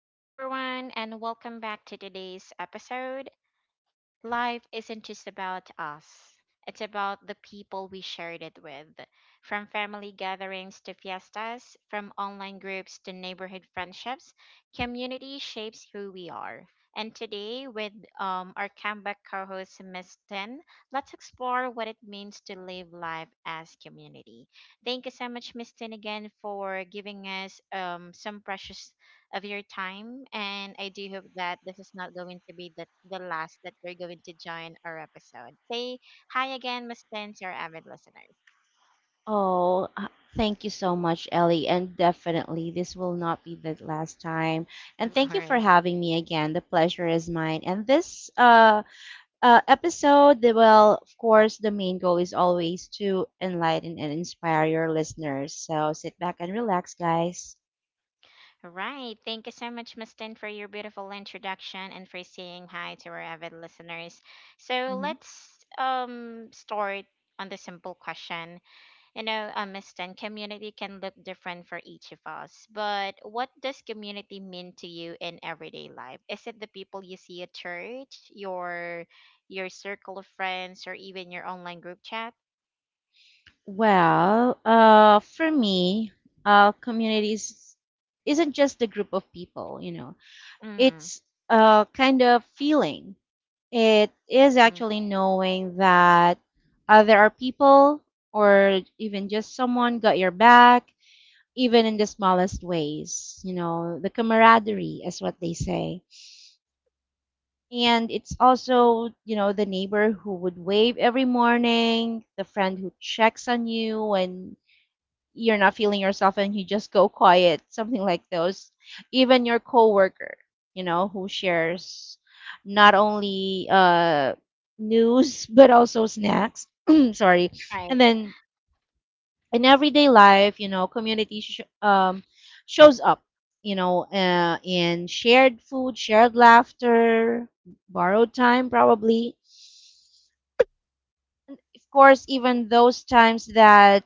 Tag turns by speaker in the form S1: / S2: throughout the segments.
S1: Hello, everyone, and welcome back to today's episode. Life isn't just about us, it's about the people we shared it with. From family gatherings to fiestas, from online groups to neighborhood friendships, community shapes who we are. And today, with our comeback co host, Ms. Tin, let's explore what it means to live life as community. Thank you so much, Ms. Tin, again for giving us some precious of your time. And I do hope that this is not going to be the last that you're going to join our episode. Say hi again, Miss Tin, to our avid listeners.
S2: Oh, uh, Thank you so much, Ellie. And definitely, this will not be the last time. And
S1: Of
S2: thank you for
S1: course.
S2: having me again. The pleasure is mine. And this episode, well, of course, the main goal is always to enlighten and inspire your listeners. So sit back and relax, guys.
S1: All right. Thank you so much, Miss Tin, for your beautiful introduction and for saying hi to our avid listeners. So
S2: Mhm.
S1: let's start on the simple question. Miss Tan, community can look different for each of us, but what does community mean to you in everyday life? Is it the people you see at church, your circle of friends, or even your online group chat?
S2: For me, communities isn't just a group of people,
S1: Mm,
S2: it's a kind of feeling. It is
S1: mm,
S2: actually knowing that there are people or even just someone got your back, even in the smallest ways, you know, the camaraderie is what they say. And it's also, you know, the neighbor who would wave every morning, the friend who checks on you when you're not feeling yourself and you just go quiet, something like those. Even your coworker, you know, who shares not only news but also snacks. Sorry, and
S1: right,
S2: then in everyday life, community shows up, you know, in shared food, shared laughter, borrowed time, probably. Of course, even those times that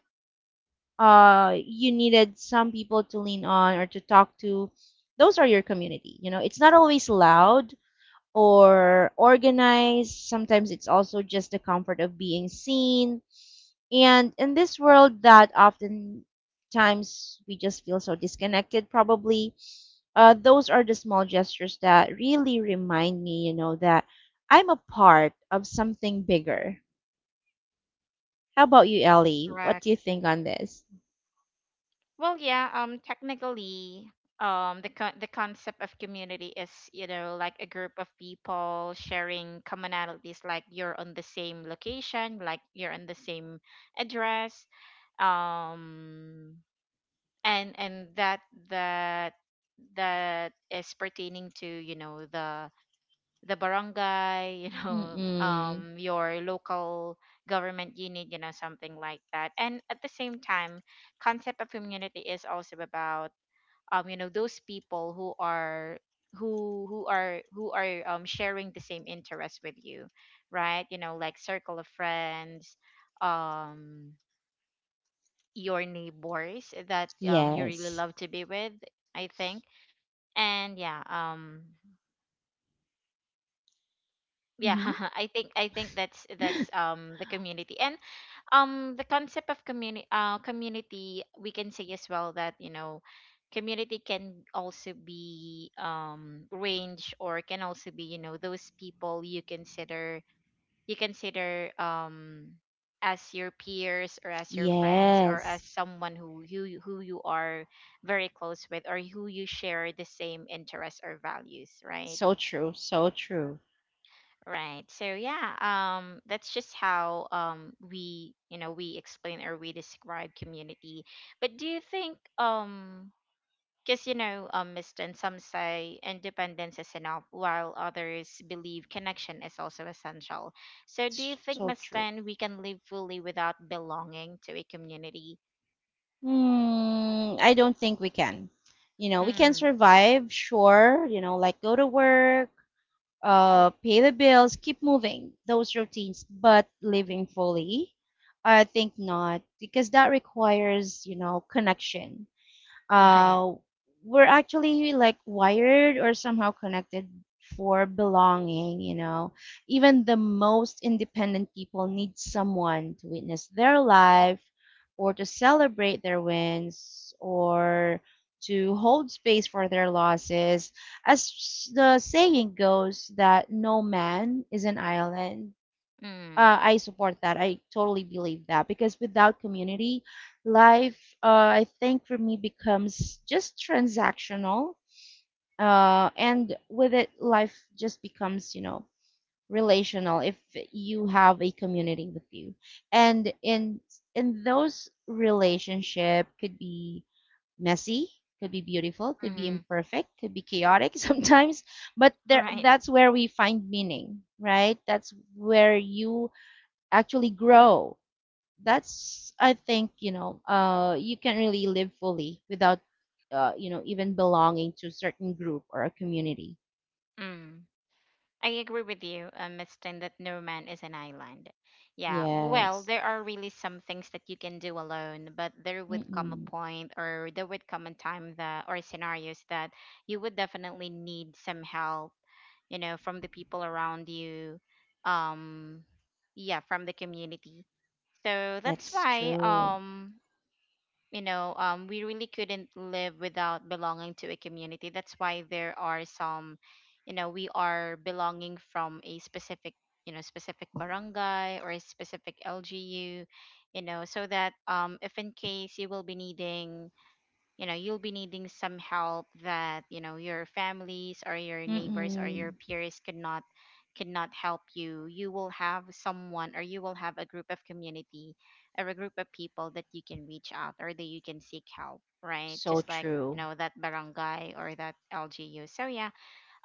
S2: you needed some people to lean on or to talk to, those are your community. You know, it's not always loud or organized. Sometimes it's also just the comfort of being seen. And in this world that oftentimes we just feel so disconnected, probably, those are the small gestures that really remind me, you know, that I'm a part of something bigger. How about you, Ellie? What do you
S1: correct.
S2: think on this?
S1: Well, yeah, technically, the concept of community is, you know, like a group of people sharing commonalities, like you're on the same location, like you're on the same address, um and that that that is pertaining to, you know, the barangay, you know,
S2: Mm-mm.
S1: your local government unit, you know, something like that. And at the same time, concept of community is also about, you know, those people who are sharing the same interest with you, right? You know, like circle of friends, um your neighbors that you really
S2: Yes.
S1: love to be with. I think and yeah um yeah
S2: Hmm.
S1: I think that's the community. And the concept of community, community, we can say as well that, you know, community can also be range, or can also be, you know, those people you consider you consider um as your peers, or as your friends, or as
S2: Yes.
S1: someone who you are very close with, or who you share the same interests or values, right?
S2: So true. So true.
S1: Right, so yeah, that's just how, we, you know, we explain or we describe community. But do you think, because, you know, Miston, some say independence is enough, while others believe connection is also essential. So, do you
S2: s-
S1: think,
S2: So true.
S1: Miston, we can live fully without belonging to a community?
S2: Mm, I don't think we can. You know, we can
S1: Mm,
S2: survive, sure, you know, like go to work, pay the bills, keep moving those routines, but living fully, I think not because that requires, you know, connection.
S1: right.
S2: uh, we're actually like wired or somehow connected for belonging, you know. Even the most independent people need someone to witness their life or to celebrate their wins or to hold space for their losses. As the saying goes, that no man is an island,
S1: Mm,
S2: I support that. I totally believe that because without community, life, I think for me becomes just transactional, and with it, life just becomes, you know, relational if you have a community with you. And in those relationship could be messy, could be beautiful, could be
S1: mm-hmm,
S2: imperfect, could be chaotic sometimes, but there
S1: right.
S2: that's where we find meaning, right? That's where you actually grow. That's I think you know you can really live fully without you know even belonging to a certain group or a community.
S1: Mm. I agree with you, Miss Tin, that no man is an island. Yeah, well,
S2: Yes.
S1: there are really some things that you can do alone, but there would come a
S2: Mm-mm.
S1: point, or there would come a time, that or scenarios that you would definitely need some help, you know, from the people around you, um, yeah, from the community. So that's
S2: That's
S1: why,
S2: true.
S1: you know, we really couldn't live without belonging to a community. That's why there are some, you know, we are belonging from a specific, you know, specific barangay or a specific LGU, you know, so that, if in case you will be needing, you know, you'll be needing some help that, you know, your families or your neighbors or your
S2: Mm-mm.
S1: peers could not help you, you will have someone, or you will have a group of community or a group of people that you can reach out, or that you can seek help, right?
S2: So
S1: Just like, you
S2: true.
S1: know, that barangay or that LGU. So yeah,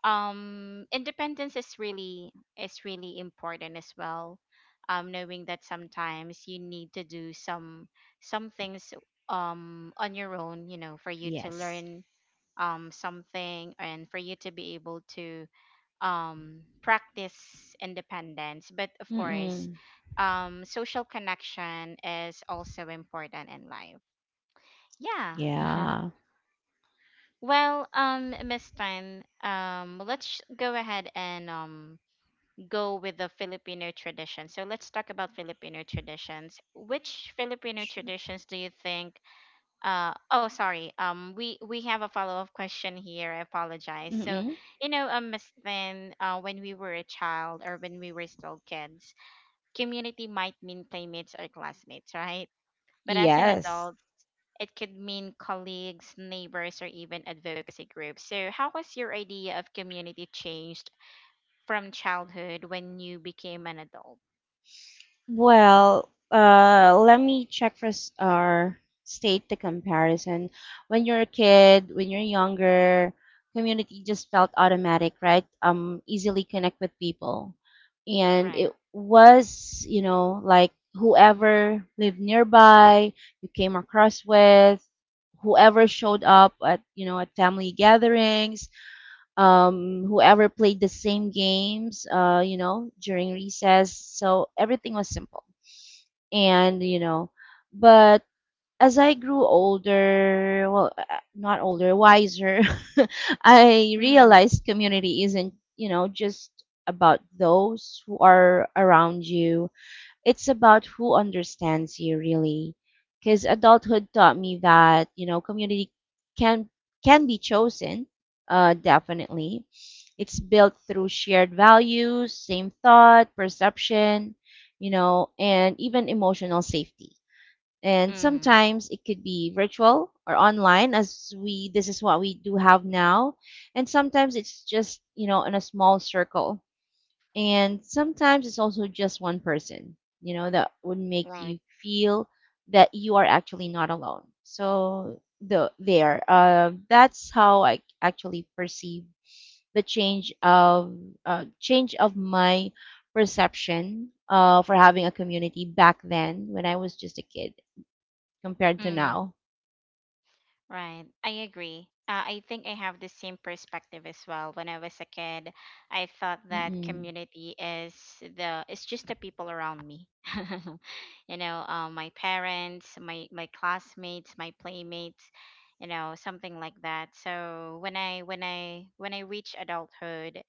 S1: independence is really important as well, knowing that sometimes you need to do some things on your own, you know, for you to
S2: Yes.
S1: learn something, and for you to be able to practice independence. But of course,
S2: Mm-mm.
S1: social connection is also important in life, yeah.
S2: Yeah.
S1: Well, Miss Tan, let's go ahead and go with the Filipino tradition. So let's talk about Filipino traditions. Which Filipino
S2: Sure.
S1: traditions do you think— oh, sorry, we have a follow-up question here. I apologize. So,
S2: Mm-mm.
S1: you know, Miss Thin, when we were a child, or when we were still kids, community might mean playmates or classmates, right? But as an
S2: Yes.
S1: adult, it could mean colleagues, neighbors, or even advocacy groups. So, how has your idea of community changed from childhood when you became an adult?
S2: Let me check first or state the comparison. When you're a kid, when you're younger, community just felt automatic, right? Easily connect with people. And it
S1: Right.
S2: was, you know, like whoever lived nearby, you came across with, whoever showed up at, you know, at family gatherings, whoever played the same games, you know, during recess. So everything was simple and you know but as I grew older, not older wiser. I
S1: Mhm.
S2: realized community isn't you know just about those who are around you, it's about who understands you really. Because adulthood taught me that you know community can can be chosen, definitely. It's built through shared values, same thought perception, you know, and even emotional safety. And
S1: Mhm.
S2: sometimes it could be virtual or online as we this is what we do have now. And sometimes it's just you know in a small circle, and sometimes it's also just one person, you know, that would make you
S1: Right.
S2: feel that you are actually not alone. So that's how I actually perceive the change of my perception for having a community back then when I was just a kid compared to
S1: Mm.
S2: now.
S1: Right. I agree. I think I have the same perspective as well. When I was a kid, I thought that
S2: Mm-mm.
S1: community is the it's just the people around me. You know, my parents, my classmates, my playmates, you know, something like that. So when I, when I reach adulthood,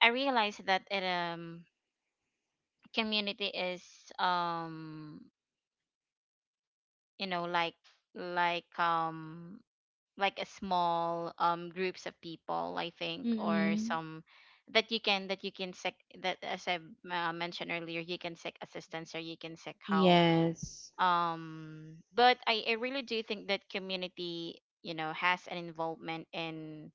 S1: I realized that it, community is um you know, like um a small, groups of people, I think, or
S2: Mm-mm.
S1: some that you can, that you can seek, that, as I mentioned earlier, you can seek assistance, or you can seek help,
S2: Yes.
S1: but I really do think that community, you know, has an involvement in,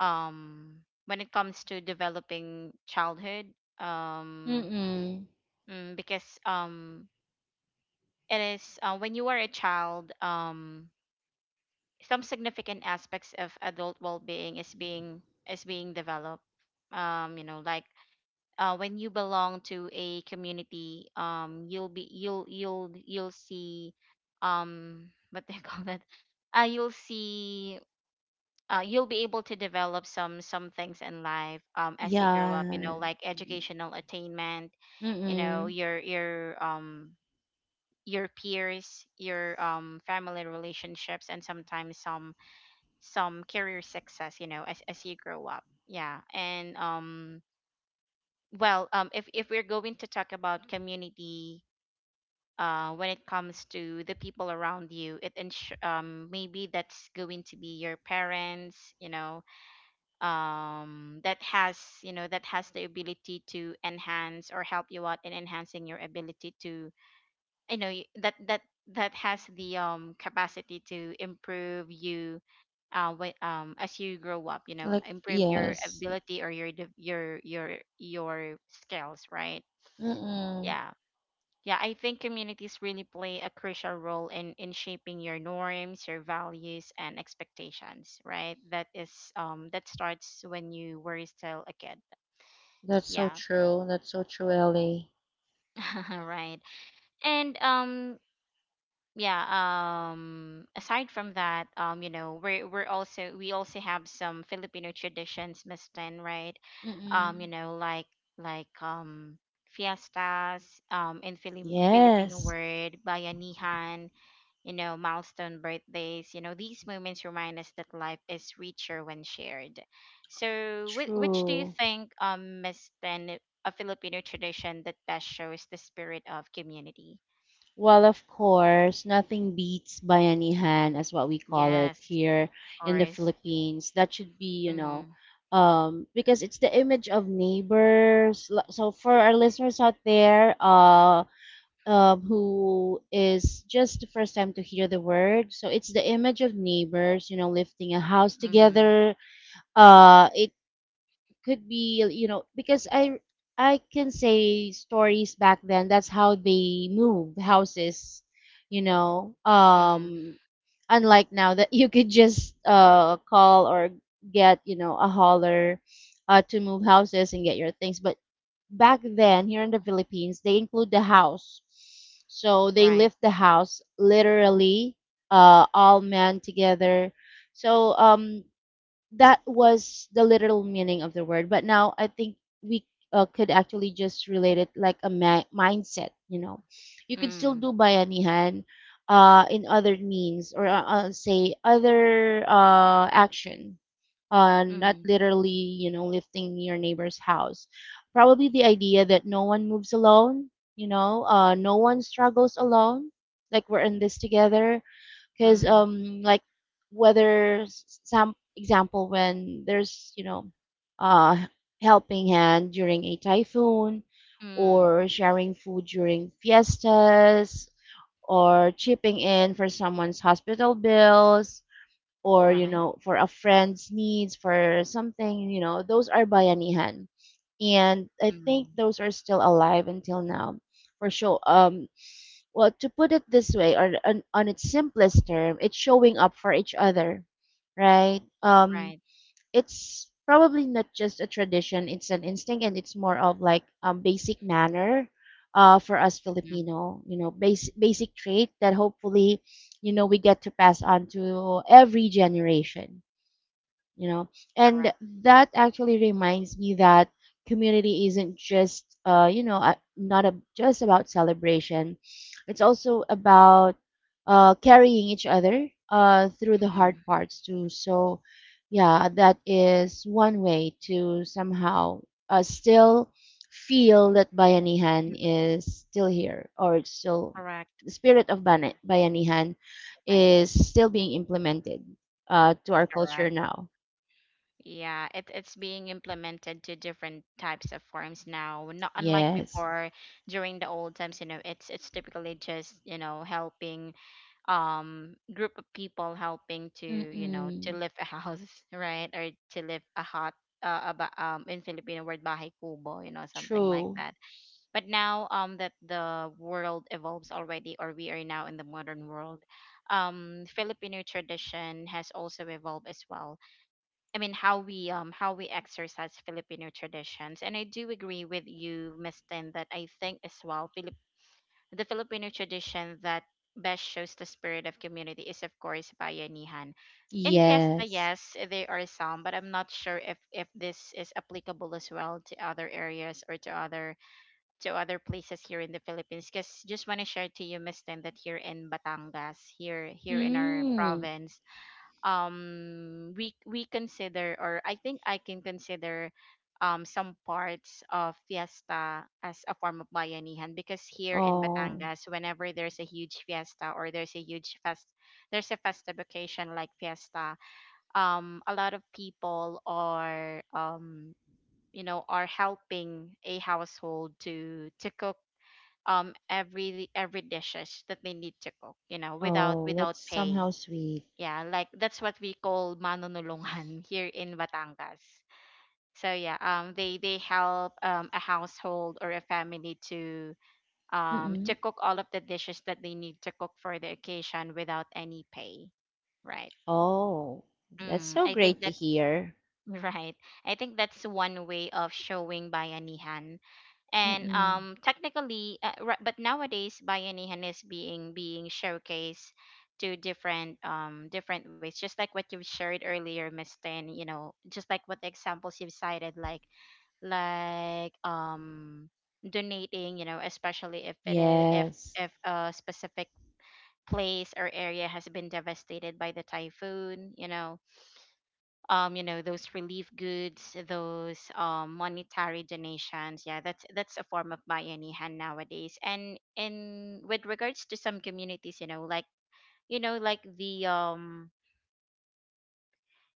S1: um when it comes to developing childhood, um
S2: Mm-mm.
S1: because, it is, when you are a child, some significant aspects of adult well-being is being, is being developed, you know, like, when you belong to a community, you'll be, you'll see, what they call that, you'll see, you'll be able to develop some things in life, as you grow up, you know,
S2: Yeah.
S1: like educational attainment, you know,
S2: Mm-mm.
S1: your peers, your family relationships, and sometimes some career success, you know, as you grow up, yeah. And well, if we're going to talk about community, when it comes to the people around you, it ensure, maybe that's going to be your parents, you know, that has, you know, that has the ability to enhance or help you out in enhancing your ability to— that that has the, capacity to improve you, as you grow up, you know,
S2: Like,
S1: improve your
S2: yes.
S1: ability, or your your skills, right?
S2: Mm-mm.
S1: Yeah. Yeah, I think communities really play a crucial role in shaping your norms, your values, and expectations, right? That is, that starts when you were still a kid.
S2: That's so
S1: Yeah.
S2: true. That's so true, Ellie.
S1: Right. And yeah, aside from that, you know, we also have some Filipino traditions, Miss Tan, right? You
S2: Mm-mm.
S1: know, like, like um fiestas, in Filipino
S2: Yes,
S1: word, bayanihan, you know, milestone birthdays, you know, these moments remind us that life is richer when shared. So which do you
S2: true.
S1: think, Miss Tan, a Filipino tradition that best shows the spirit of community?
S2: Well, of course, nothing beats bayanihan, as what we call it
S1: Yes,
S2: here
S1: of
S2: in the
S1: course.
S2: Philippines. That should be, you know,
S1: Mhm.
S2: because it's the image of neighbors. So for our listeners out there, who is just the first time to hear the word, so it's the image of neighbors, you know, lifting a house
S1: Mhm.
S2: together. It could be you know because I can say stories back then that's how they move houses, you know
S1: Mhm.
S2: um unlike now that you could just call or get you know a hauler to move houses and get your things. But back then here in the Philippines they include the house, so they
S1: Right.
S2: lift the house literally, all men together. So that was the literal meaning of the word, but now I think we could actually just relate it like a mindset, you know, you could still
S1: Mm.
S2: do bayanihan in other means, or say other action, not
S1: Mhm.
S2: literally you know lifting your neighbor's house. Probably the idea that no one moves alone, you know, no one struggles alone, like we're in this together. Because
S1: Mhm.
S2: like whether some example when there's you know uh helping hand during a typhoon,
S1: Mm.
S2: or sharing food during fiestas, or chipping in for someone's hospital bills, or you
S1: Right.
S2: know for a friend's needs for something, you know those are bayanihan. And I think
S1: Mm.
S2: those are still alive until now, for sure. Well, to put it this way, or on its simplest term, it's showing up for each other, right?
S1: Right.
S2: It's probably not just a tradition; it's an instinct, and it's more of like basic manner, for us
S1: Mhm.
S2: Filipino, you know, basic trait that hopefully, you know, we get to pass on to every generation, you know. And
S1: Correct.
S2: that actually reminds me that community isn't just not a, just about celebration, it's also about carrying each other through the hard
S1: Mhm.
S2: parts too. So yeah, that is one way to somehow still feel that bayanihan
S1: Mm.
S2: is still here, or it's still
S1: Correct.
S2: the spirit of bayanihan
S1: Right.
S2: is still being implemented to our culture
S1: Correct.
S2: now.
S1: Yeah, it, it's being implemented to different types of forms now. Not unlike
S2: Yes.
S1: before, during the old times, you know, it's typically just, you know, helping, group of people helping to, you know, to
S2: Mm-mm.
S1: lift a house, right, or to lift a hut, about in Filipino word, bahay kubo, you know, something like
S2: True.
S1: that. But now, that the world evolves already, or we are now in the modern world, Filipino tradition has also evolved as well. I mean, how we, how we exercise Filipino traditions. And I do agree with you, Miss Tin, that I think as well, the Filipino tradition that best shows the spirit of community is, of course, bayanihan. In fiesta,
S2: Yes.
S1: yes, there are some, but I'm not sure if this is applicable as well to other areas, or to other, to other places here in the Philippines. Because just want to share to you, Miss Tin, that here in Batangas, here in our
S2: Mm.
S1: province, we consider, or I think I can consider, some parts of fiesta as a form of bayanihan, because here in
S2: Oh.
S1: Batangas, whenever there's a huge fiesta, or there's a huge fest, there's a festive occasion like fiesta, a lot of people are, you know, are helping a household to cook, every dishes that they need to cook, you know, without,
S2: Oh,
S1: without
S2: that's
S1: pay.
S2: somehow sweet.
S1: Yeah, like that's what we call manonulungan. Here in Batangas. So yeah, they help, a household or a family to, to
S2: Mm-mm.
S1: cook all of the dishes that they need to cook for the occasion without any pay, right?
S2: Oh, that's
S1: Mm,
S2: so
S1: I think
S2: great to
S1: that's—
S2: hear.
S1: right. I think that's one way of showing bayanihan and
S2: Mm-mm.
S1: technically but nowadays bayanihan is being showcased to different different ways, just like what you've shared earlier, miss Tin. You know, just like what the examples you've cited, like like um donating, you know, especially if it is
S2: Yes.
S1: if a specific place or area has been devastated by the typhoon, you know. You know, those relief goods, those monetary donations, yeah, that's a form of bayanihan nowadays. And in with regards to some communities, you know, like you know like the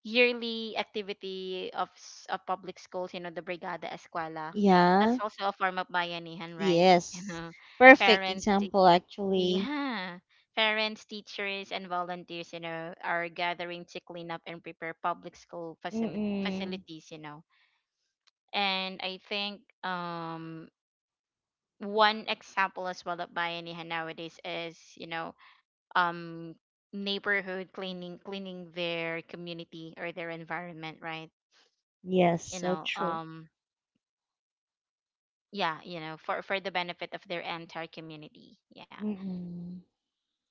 S1: yearly activity of of public schools, you know, the brigada escuela. That's
S2: Yeah,
S1: also a form of bayanihan, right? You
S2: yes.
S1: know,
S2: Perfect
S1: parents te-
S2: example, actually.
S1: yeah, parents, teachers, and volunteers, you know, are gathering to clean up and prepare public school
S2: Mm-mm.
S1: facilities, you know. And I think one example as well of Bayanihan nowadays is, you know, um neighborhood cleaning their community or their environment, right?
S2: Yes,
S1: You
S2: so
S1: know,
S2: true.
S1: um yeah, you know, for the benefit of their entire community. Yeah.
S2: Mm-mm.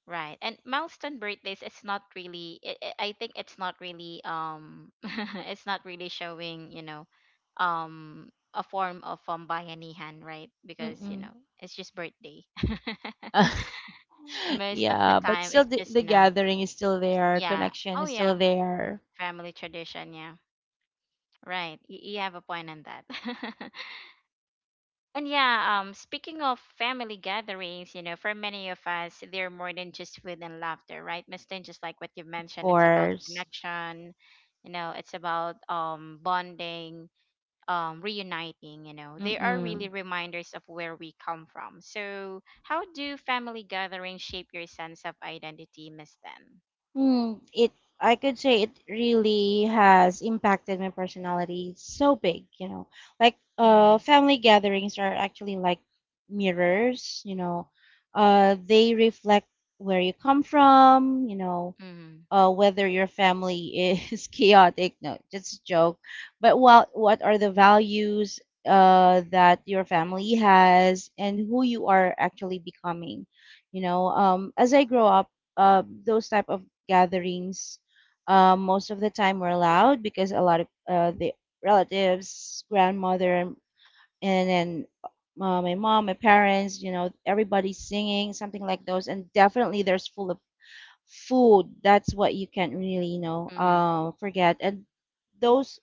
S1: Right. And milestone birthdays, it's not really I think it's not really it's not really showing, you know, a form of bayanihan, right? Because, you
S2: Mm-mm.
S1: know, it's just birthday. Most of the
S2: Yeah, but
S1: time
S2: still
S1: it's just,
S2: the
S1: you know,
S2: gathering is still there,
S1: yeah.
S2: connection
S1: Oh
S2: is still
S1: yeah,
S2: there.
S1: family tradition, yeah. Right. You have a point on that. And yeah, speaking of family gatherings, you know, for many of us, they're more than just food and laughter, right? Mistin, just like what you've
S2: Of
S1: mentioned, it's about
S2: course.
S1: connection, you know, it's about bonding, reuniting, you know. They are really
S2: Mm-mm.
S1: reminders of where we come from. So how do family gatherings shape your sense of identity, Mistin?
S2: Hmm, it I could say it really has impacted my personality so big, you know. Like
S1: Mm-hmm.
S2: family gatherings are actually like mirrors, you know. They reflect where you come from, you know,
S1: Mm-hmm.
S2: whether your family is chaotic. No, just a joke. But what are the values that your family has, and who you are actually becoming? You know, as I grow up, those type of gatherings most of the time were loud because a lot of the relatives, grandmother, and then my mom, my parents, you know, everybody's singing, something like those, and definitely there's full of food. That's what you can't really you
S1: Mm-hmm.
S2: know forget. And those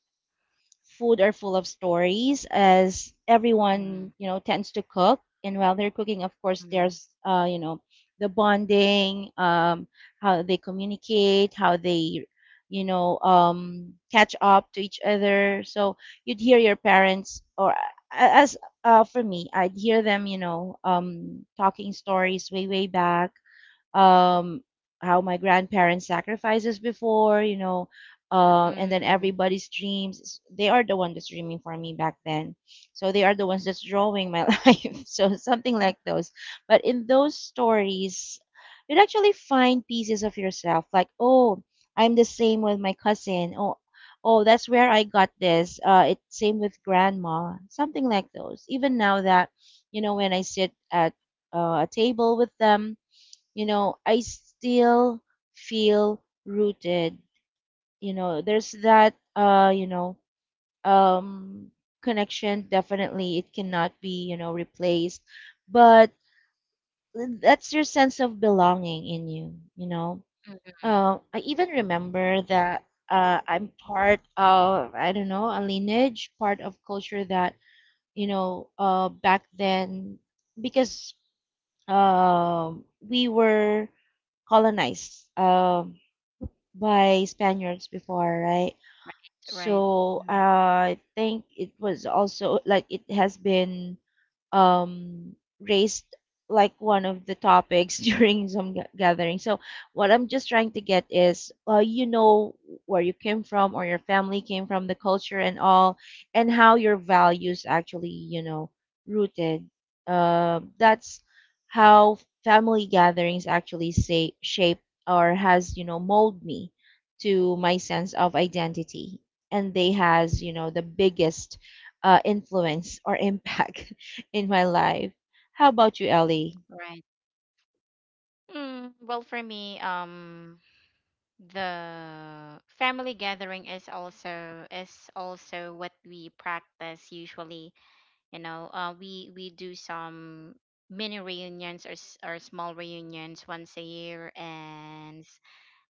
S2: food are full of stories as
S1: Mm-hmm.
S2: everyone you know tends to cook, and while they're cooking of course there's you know the bonding, how they communicate, how they you know catch up to each other. So you'd hear your parents, or as for me I'd hear them you know talking stories way way back, um, how my grandparents sacrifices before, you know, and then
S1: Mm-hmm.
S2: everybody's dreams. They are the one that's dreaming for me back then. So they are the ones that's drawing my life. So something like those. But in those stories, you'd actually find pieces of yourself. Like, oh, I'm the same with my cousin. Oh, oh, that's where I got this. It same with grandma. Something like those. Even now that you know when I sit at a table with them, you know, I still feel rooted. You know, there's that um connection, definitely it cannot be, you know, replaced. But that's your sense of belonging in you, you know.
S1: Mm-hmm.
S2: I even remember that I'm part of, I don't know, a lineage, part of culture that, you know, back then, because we were colonized. By Spaniards before, right?
S1: Right, right.
S2: So
S1: Mm,
S2: I think it was also like it has been um, raised like one of the topics during some gathering. So what I'm just trying to get is, you know, where you came from or your family came from, the culture and all, and how your values actually, you know, rooted. That's how family gatherings actually say shape or has, you know, mold me to my sense of identity, and they has, you know, the biggest influence or impact in my life. How about you, Ellie?
S1: Right. Well, for me, the family gathering is also what we practice usually. You know, we do some mini reunions or or small reunions once a year, and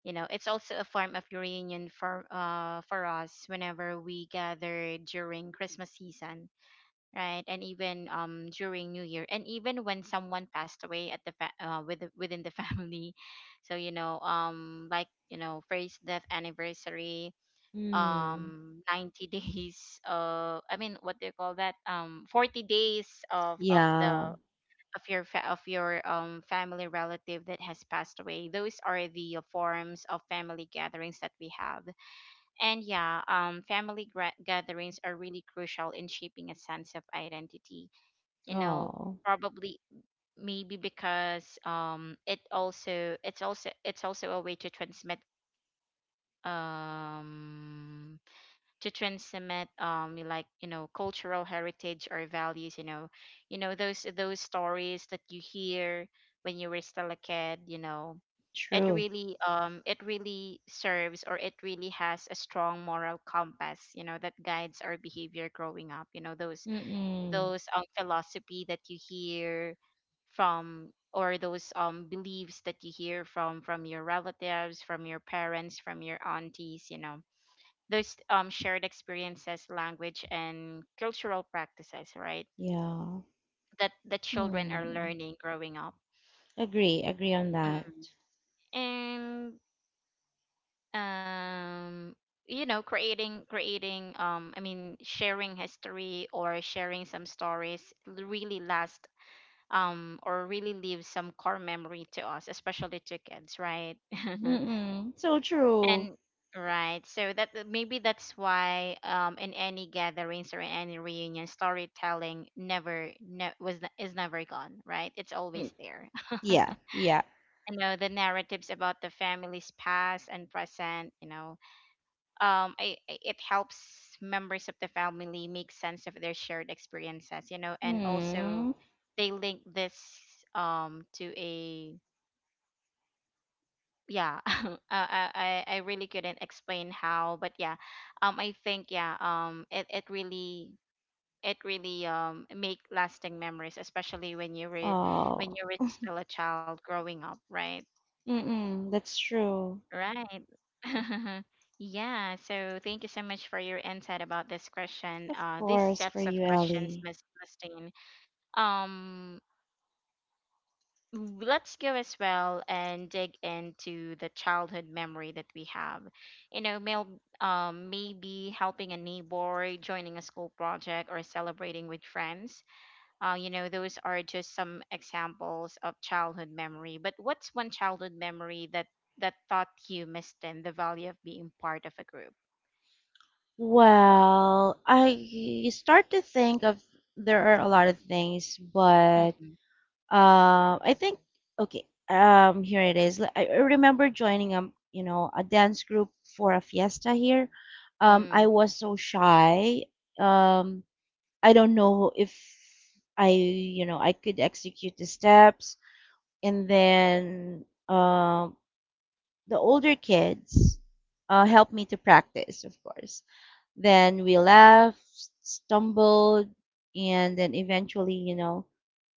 S1: you know, it's also a form of reunion for us whenever we gather during Christmas season, right? And even during new year, and even when someone passed away at the with, within the family. So you know, like you know, first death anniversary,
S2: Hmm.
S1: 90 days, I mean, what do you call that, 40 days of
S2: Yeah.
S1: the of your of your family relative that has passed away. Those are the forms of family gatherings that we have. And yeah, family gatherings are really crucial in shaping a sense of identity, you know,
S2: Oh,
S1: probably maybe because it also it's also a way to transmit um like you know, cultural heritage or values, you know. You know those stories that you hear when you were still a kid, you know. It
S2: true.
S1: really it really serves, or it really has a strong moral compass, you know, that guides our behavior growing up, you know, those
S2: Mm-mm.
S1: philosophy that you hear from, or those beliefs that you hear from your relatives, from your parents, from your aunties, you know, those shared experiences, language and cultural practices, right,
S2: Yeah.
S1: that the children are
S2: Hmm.
S1: learning growing up.
S2: Agree. Agree on that.
S1: Mm. And um you know, creating creating I mean sharing history or sharing some stories really last, or really leave some core memory to us, especially to kids, right?
S2: Mm-mm. So true.
S1: And right, so maybe that's why in any gatherings or in any reunion, storytelling never ne- was ne- is never gone, right? It's
S2: Mm.
S1: always there.
S2: Yeah. Yeah.
S1: You know, the narratives about the family's past and present, you know, it helps members of the family make sense of their shared experiences, you know, and also
S2: Hmm.
S1: they link this to a yeah I, I I really couldn't explain how, but yeah, I think yeah it really, it really make lasting memories, especially when
S2: Oh.
S1: you were still a child growing up, right?
S2: Mm-mm. That's true.
S1: Right. Yeah, so thank you so much for your insight about this question,
S2: Of
S1: these
S2: course, for
S1: sets of
S2: you,
S1: questions,
S2: Ellie.
S1: miss Mustine. um let's go as well and dig into the childhood memory that we have. You know, mail, maybe helping a neighbor, joining a school project, or celebrating with friends. You know, those are just some examples of childhood memory. But what's one childhood memory that taught you, Miss Tin, the value of being part of a group?
S2: Well, I start to think of there are a lot of things, but
S1: Mm,
S2: I think okay. Here it is. Like, I remember joining you know, a dance group for a fiesta here.
S1: mm,
S2: I was so shy. Um, I don't know if I, you know, I could execute the steps. And then the older kids helped me to practice, of course. Then we laughed, stumbled, and then eventually, you know,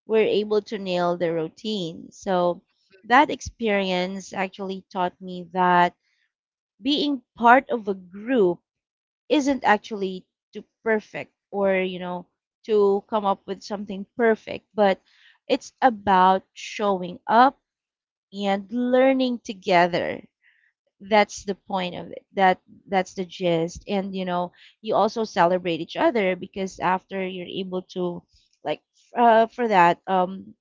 S2: were able to nail the routine. So that experience actually taught me that being part of a group isn't actually to perfect or, you know, to come up with something perfect, but it's about showing up and learning together. That's the point of it. That's the gist. And you know, you also celebrate each other because after you're able to, like, for that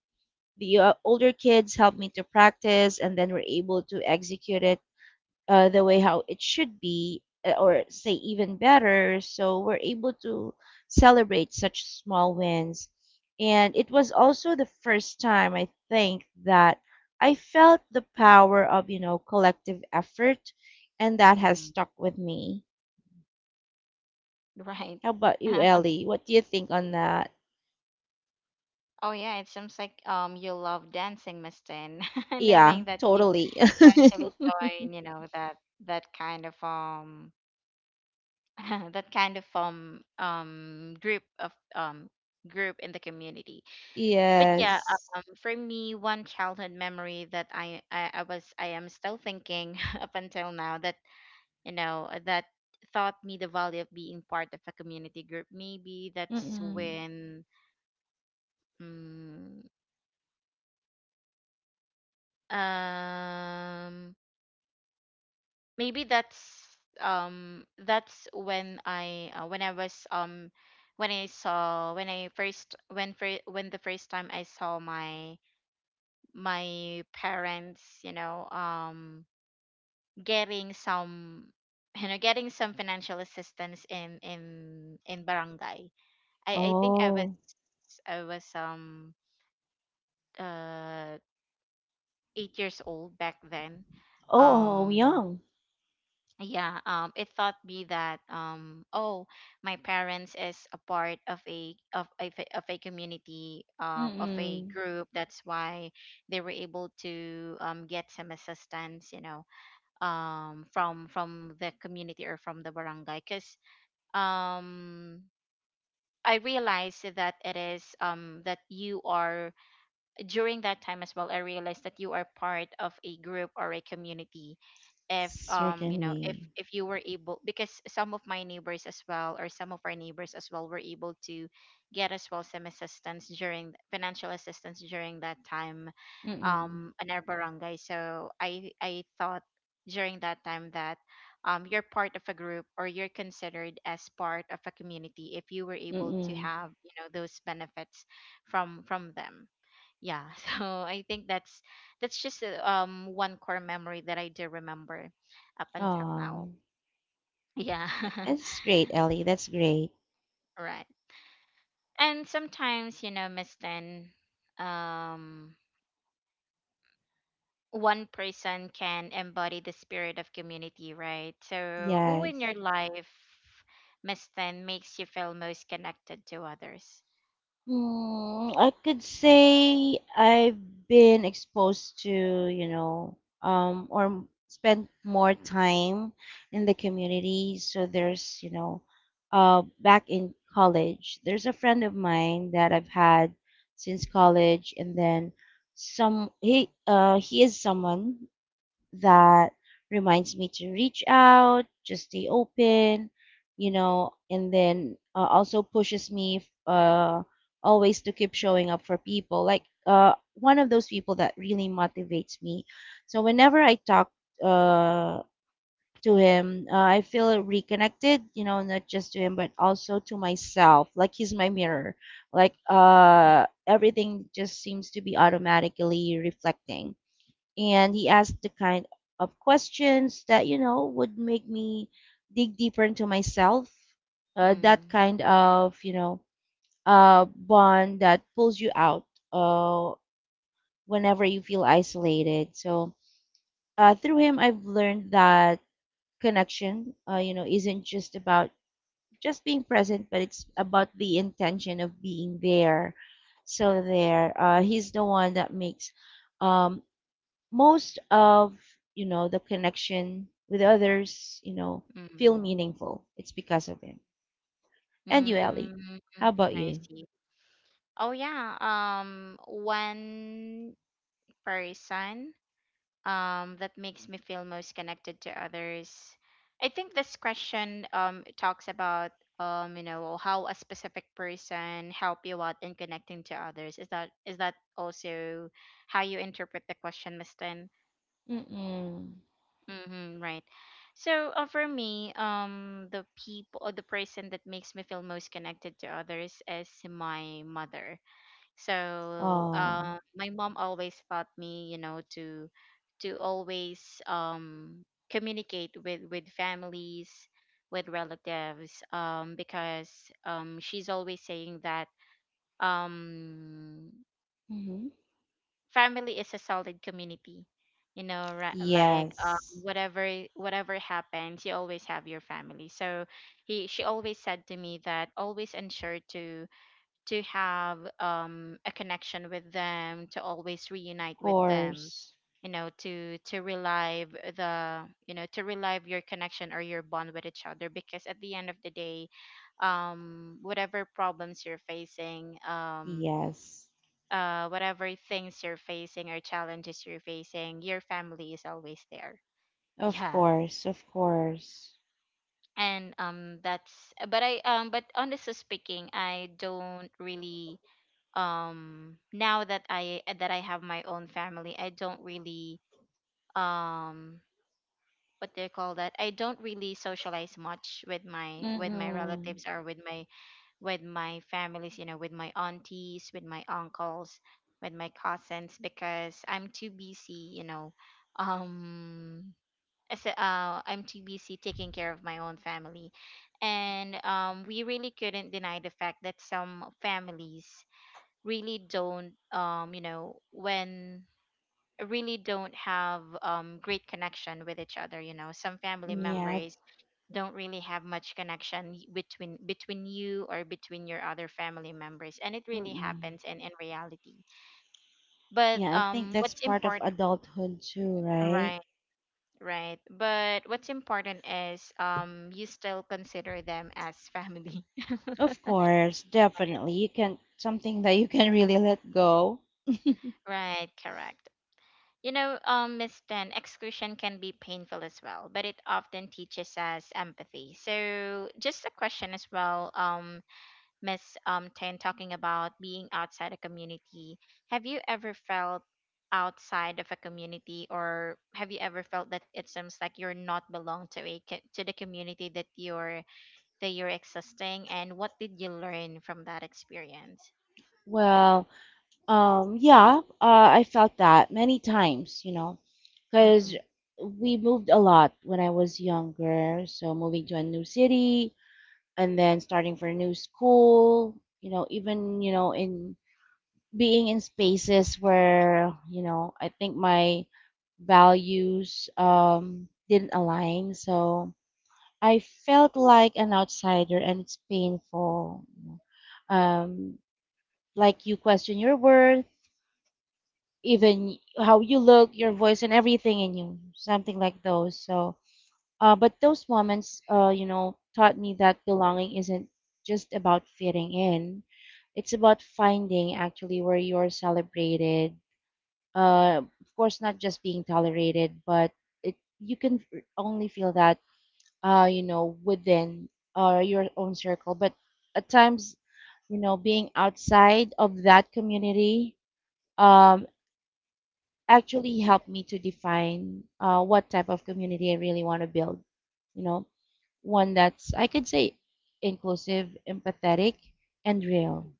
S2: the older kids helped me to practice, and then we're able to execute it the way how it should be, or say, even better, so we're able to celebrate such small wins. And it was also the first time I think that I felt the power of, collective effort, and that has
S1: mm,
S2: stuck with me.
S1: right.
S2: How about you, Ellie? What do you think on that?
S1: Oh yeah, it seems like you love dancing, Miss Tin,
S2: Yeah,
S1: knowing that you
S2: totally.
S1: to actually join, you know, that that kind of that kind of group of group in the community. But yeah,
S2: Yes.
S1: for me, one childhood memory that I am still thinking up until now, that you know that taught me the value of being part of a community group. Maybe that's
S2: Mm-mm.
S1: when mm, um maybe that's when I was when I saw when I first when for when the first time I saw my parents, you know, getting some you know, getting some financial assistance in in barangay. I think I was
S2: Oh.
S1: I was um uh 8 years old back then.
S2: Oh,
S1: um
S2: yum.
S1: yeah, it taught me that oh, my parents is a part of of a community, of a
S2: Mm-mm.
S1: group, that's why they were able to get some assistance, you know, from the community, or from the barangay, cuz um I realized that it is that you are during that time as well, I realized that you are part of a group or a community if you know,
S2: Certainly.
S1: if you were able, because some of my neighbors as well, or some of our neighbors as well, were able to get as well some assistance during financial assistance during that time
S2: Mm-mm.
S1: in our barangay. So I thought during that time that you're part of a group, or you're considered as part of a community, if you were able to
S2: Mm-mm.
S1: have, you know, those benefits from them. Yeah. So I think that's just one core memory that I do remember up until now.
S2: Oh.
S1: Yeah.
S2: That's great, Ellie. That's great.
S1: Right. And sometimes, you know, miss Tan, um one person can embody the spirit of community, right? So who in
S2: Yes.
S1: your life, miss Tan, makes you feel most connected to others?
S2: Hmm. I could say I've been exposed to, or spent more time in the community. So there's, back in college, there's a friend of mine that I've had since college, and then some. He is someone that reminds me to reach out, just stay open, you know, and then also pushes me always to keep showing up for people. Like, one of those people that really motivates me. So whenever I talk uh, to him, I feel reconnected, you know, not just to him, but also to myself. Like, he's my mirror. Like, everything just seems to be automatically reflecting, and he asked the kind of questions that, would make me dig deeper into myself, that
S1: Mm,
S2: kind of, bond that pulls you out uh, whenever you feel isolated. So through him, I've learned that connection, isn't just about just being present, but it's about the intention of being there. So there, he's the one that makes, um, most of, the connection with others, feel
S1: mm,
S2: meaningful. It's because of him. And you, Ellie?
S1: mm,
S2: How
S1: mm,
S2: about
S1: I
S2: you?
S1: see. Oh yeah. One person that makes me feel most connected to others? I think this question talks about you know, how a specific person help you out in connecting to others. Is that also how you interpret the question, Mistin?
S2: Mm-mm.
S1: Mm-hmm, right. So for me, the people or the person that makes me feel most connected to others is my mother. So
S2: Oh.
S1: my mom always taught me, you know, to always communicate with families, with relatives, because she's always saying that um,
S2: Mm-hmm.
S1: family is a solid community. You know, right, like
S2: Yes.
S1: whatever whatever happens, you always have your family. So he she always said to me that always ensure to have a connection with them, to always reunite
S2: Of
S1: with them,
S2: course.
S1: you know, to relive the you know, to relive your connection or your bond with each other. Because at the end of the day, whatever problems you're facing,
S2: Yes,
S1: whatever things you're facing, or challenges you're facing, your family is always there.
S2: of
S1: Yeah.
S2: course, of course.
S1: And that's, but honestly speaking, I don't really now that I have my own family, I don't really um what they call that, I don't really socialize much with my
S2: Mm-mm.
S1: relatives, or with my families, you know, with my aunties, with my uncles, with my cousins, because I'm too busy, you know, um I'm too busy taking care of my own family. And we really couldn't deny the fact that some families really don't you know, when really don't have great connection with each other, you know, some family
S2: Yeah.
S1: members don't really have much connection between between you, or between your other family members, and it really happens
S2: Mm-mm.
S1: in reality. But
S2: Yeah, I think that's
S1: what's
S2: part of
S1: important,
S2: adulthood too, right?
S1: right, right, but what's important is you still consider them as family.
S2: Of course. Definitely, you can something that you can really let go.
S1: Right, correct. You know, Miss Ten, exclusion can be painful as well, but it often teaches us empathy. So, just a question as well, Miss Ten, talking about being outside a community. Have you ever felt outside of a community, or have you ever felt that it seems like you're not belong to a to the community that you're existing? And what did you learn from that experience?
S2: Well, yeah, I felt that many times, you know, because we moved a lot when I was younger. So moving to a new city and then starting for a new school, you know, even, in being in spaces where, I think my values didn't align. So I felt like an outsider, and it's painful, you know. Like, you question your worth, even how you look, your voice, and everything in you, something like those. So, but those moments, taught me that belonging isn't just about fitting in. It's about finding actually where you're celebrated. Of course, not just being tolerated, but it you can only feel that, within your own circle. But at times, you know, being outside of that community, um, actually helped me to define what type of community I really want to build. You know, one that's, I could say, inclusive, empathetic, and real.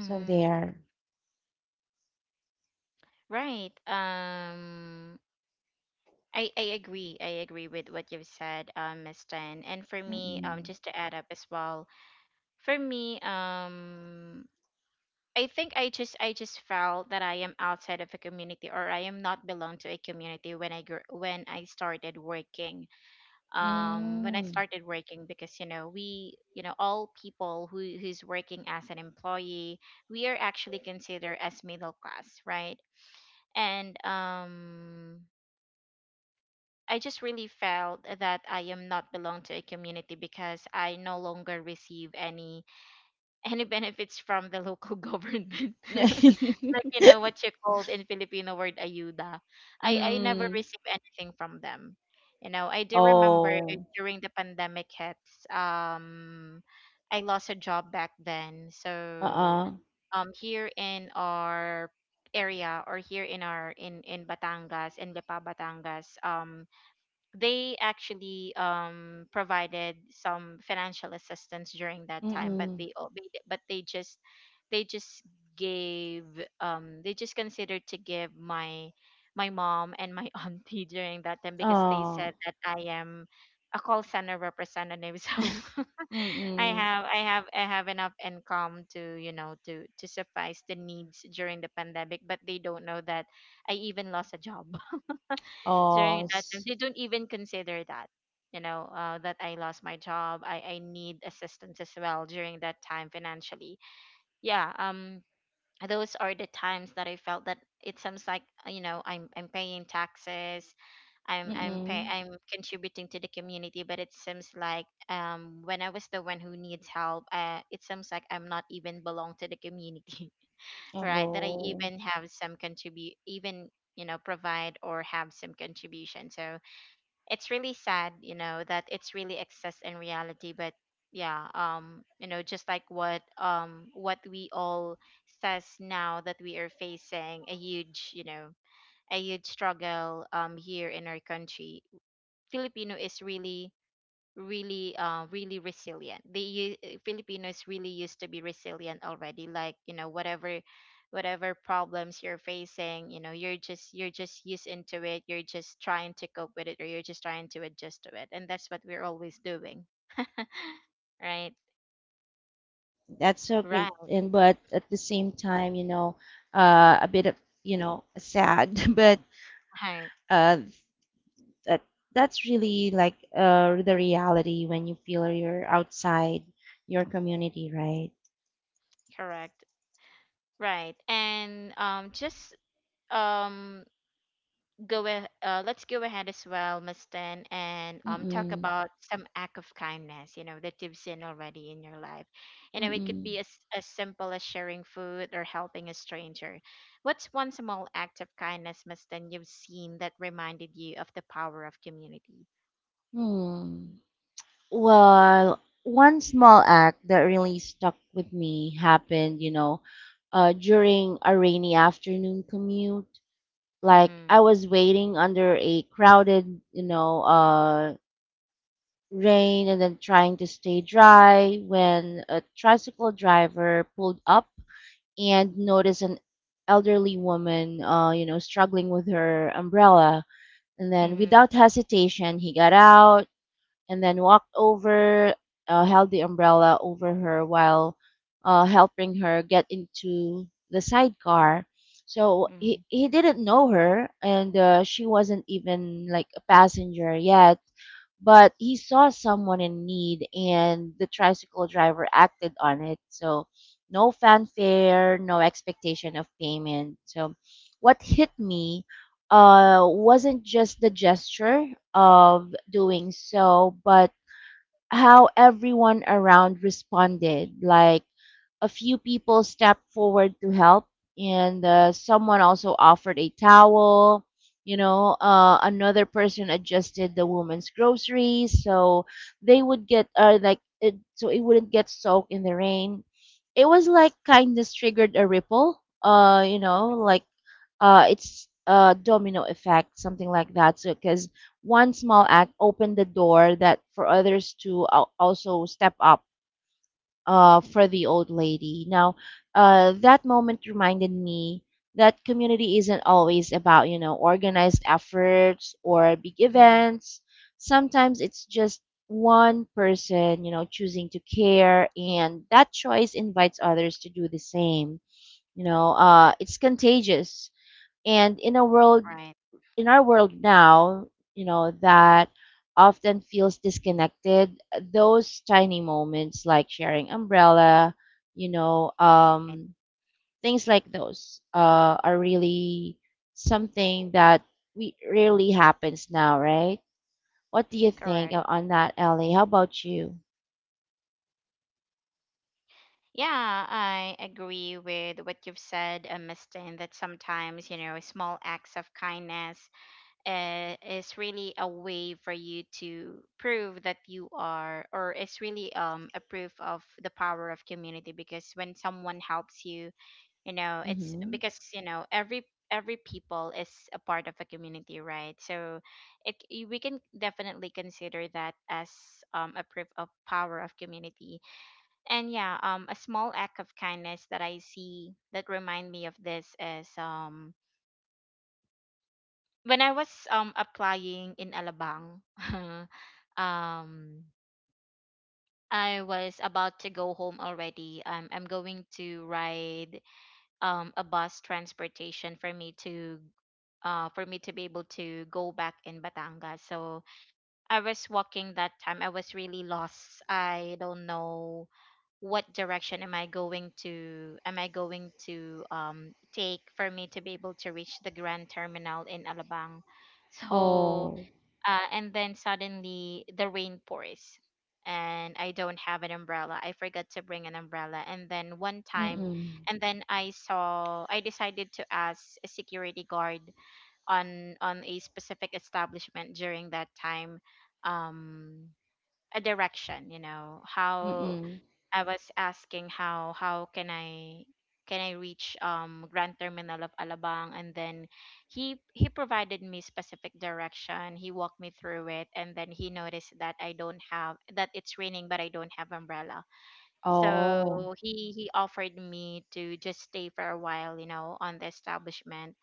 S2: So there.
S1: Right. I agree. I agree with what you've said, Miss Tan. And for me,
S2: Mm-mm.
S1: just to add up as well, for me, I think I just felt that I am outside of a community or I am not belong to a community when when I started working. When I
S2: Mm.
S1: started working because you know we you know all people who who's working as an employee, we are actually considered as middle class, right? And I just really felt that I am not belong to a community because I no longer receive any any benefits from the local government. Like you know what you called in Filipino word ayuda. I never
S2: Mm.
S1: receive anything from them. You know, I do remember
S2: Oh.
S1: during the pandemic hits, I lost a job back then. So
S2: Uh-uh.
S1: here in our area or here in our in Batangas in Lipa Batangas, they actually provided some financial assistance during that time, but
S2: Mm-mm.
S1: they al- they di- but they just gave they just considered to give my my mom and my auntie during that time because they said
S2: Oh.
S1: that I am a call center representative, so I
S2: Mm-mm.
S1: have I have I have enough income to you know to suffice the needs during the pandemic, but they don't know that I even lost a job
S2: Oh.
S1: during that time. They don't even consider that you know that I lost my job. I need assistance as well during that time financially. Yeah, um, those are the times that I felt that it seems like you know i'm paying taxes.
S2: Mm-mm.
S1: I'm contributing to the community, but it seems like when I was the one who needs help, it seems like I'm not even belong to the community. Right, that I
S2: Oh.
S1: even have some contribute even you know provide or have some contribution. So it's really sad, you know, that it's really excess in reality. But yeah, you know, just like what we all says now, that we are facing a huge, you know, a huge struggle here in our country. Filipino is really really really resilient. Filipinos really used to be resilient already. Like you know whatever whatever problems you're facing, you know, you're just used into it, you're just trying to cope with it, or you're just trying to adjust to it, and that's what we're always doing. Right.
S2: That's so great,
S1: Right.
S2: and but at the same time, you know, a bit of, sad, but
S1: Right.
S2: uh, that that's really like, the reality when you feel you're outside your community, right?
S1: Correct. Right, and just um let's go ahead as well, Miss Tan, and
S2: Mm-mm.
S1: talk about some act of kindness you know that you've seen already in your life. You know, it could
S2: Mm-mm.
S1: be as simple as sharing food or helping a stranger. What's one small act of kindness, Miss Tan, you've seen that reminded you of the power of community?
S2: Hmm. Well, one small act that really stuck with me happened, you know, during a rainy afternoon commute. Like,
S1: Mm-hmm.
S2: I was waiting under a crowded, rain, and then trying to stay dry when a tricycle driver pulled up and noticed an elderly woman, struggling with her umbrella. And then,
S1: Mm-hmm.
S2: without hesitation, he got out and then walked over, held the umbrella over her while helping her get into the sidecar. So
S1: Mm-hmm.
S2: he didn't know her, and she wasn't even like a passenger yet, but he saw someone in need, and the tricycle driver acted on it. So no fanfare, no expectation of payment. So what hit me wasn't just the gesture of doing so, but how everyone around responded. Like, a few people stepped forward to help, and someone also offered a towel. You know, another person adjusted the woman's groceries, so they would get so it wouldn't get soaked in the rain. It was like kindness triggered a ripple. Like, it's a domino effect, something like that. So because one small act opened the door that for others to also step up for the old lady. Now, that moment reminded me that community isn't always about, you know, organized efforts or big
S1: Mm-hmm.
S2: events. Sometimes it's just one person, you know, choosing to care, and that choice invites others to do the same. You know, it's contagious. And
S1: Right.
S2: in our world now, you know, that often feels disconnected, those tiny moments like sharing umbrella, you know,
S1: Right.
S2: um, things like those are really something that we rarely happens now, right? What do you think
S1: Correct.
S2: on that, Ellie? How about you?
S1: Yeah, I agree with what you've said, Miss Tan, that sometimes, you know, small acts of kindness is really a way for you to prove that you are, or it's really a proof of the power of community, because when someone helps you, you know, it's
S2: Mm-hmm.
S1: because you know every people is a part of a community, right? So we can definitely consider that as a proof of power of community. And yeah, um, a small act of kindness that I see that remind me of this is when I was applying in Alabang, um, I was about to go home already. I'm going to ride a bus transportation for me to be able to go back in Batangas. So I was walking that time. I was really lost. I don't know what direction am I going to take for me to be able to reach the Grand Terminal in Alabang. So,
S2: Oh,
S1: and then suddenly the rain pours, and I don't have an umbrella, I forgot to bring an umbrella. And then one time
S2: mm-mm,
S1: and then I saw I decided to ask a security guard on a specific establishment during that time, um, a direction. You know, how
S2: mm-mm.
S1: I was asking how can I reach Grand Terminal of Alabang? And then he provided me specific direction. He walked me through it, and then he noticed that I don't have that it's raining but I don't have umbrella.
S2: Oh,
S1: So he offered me to just stay for a while, you know, on the establishment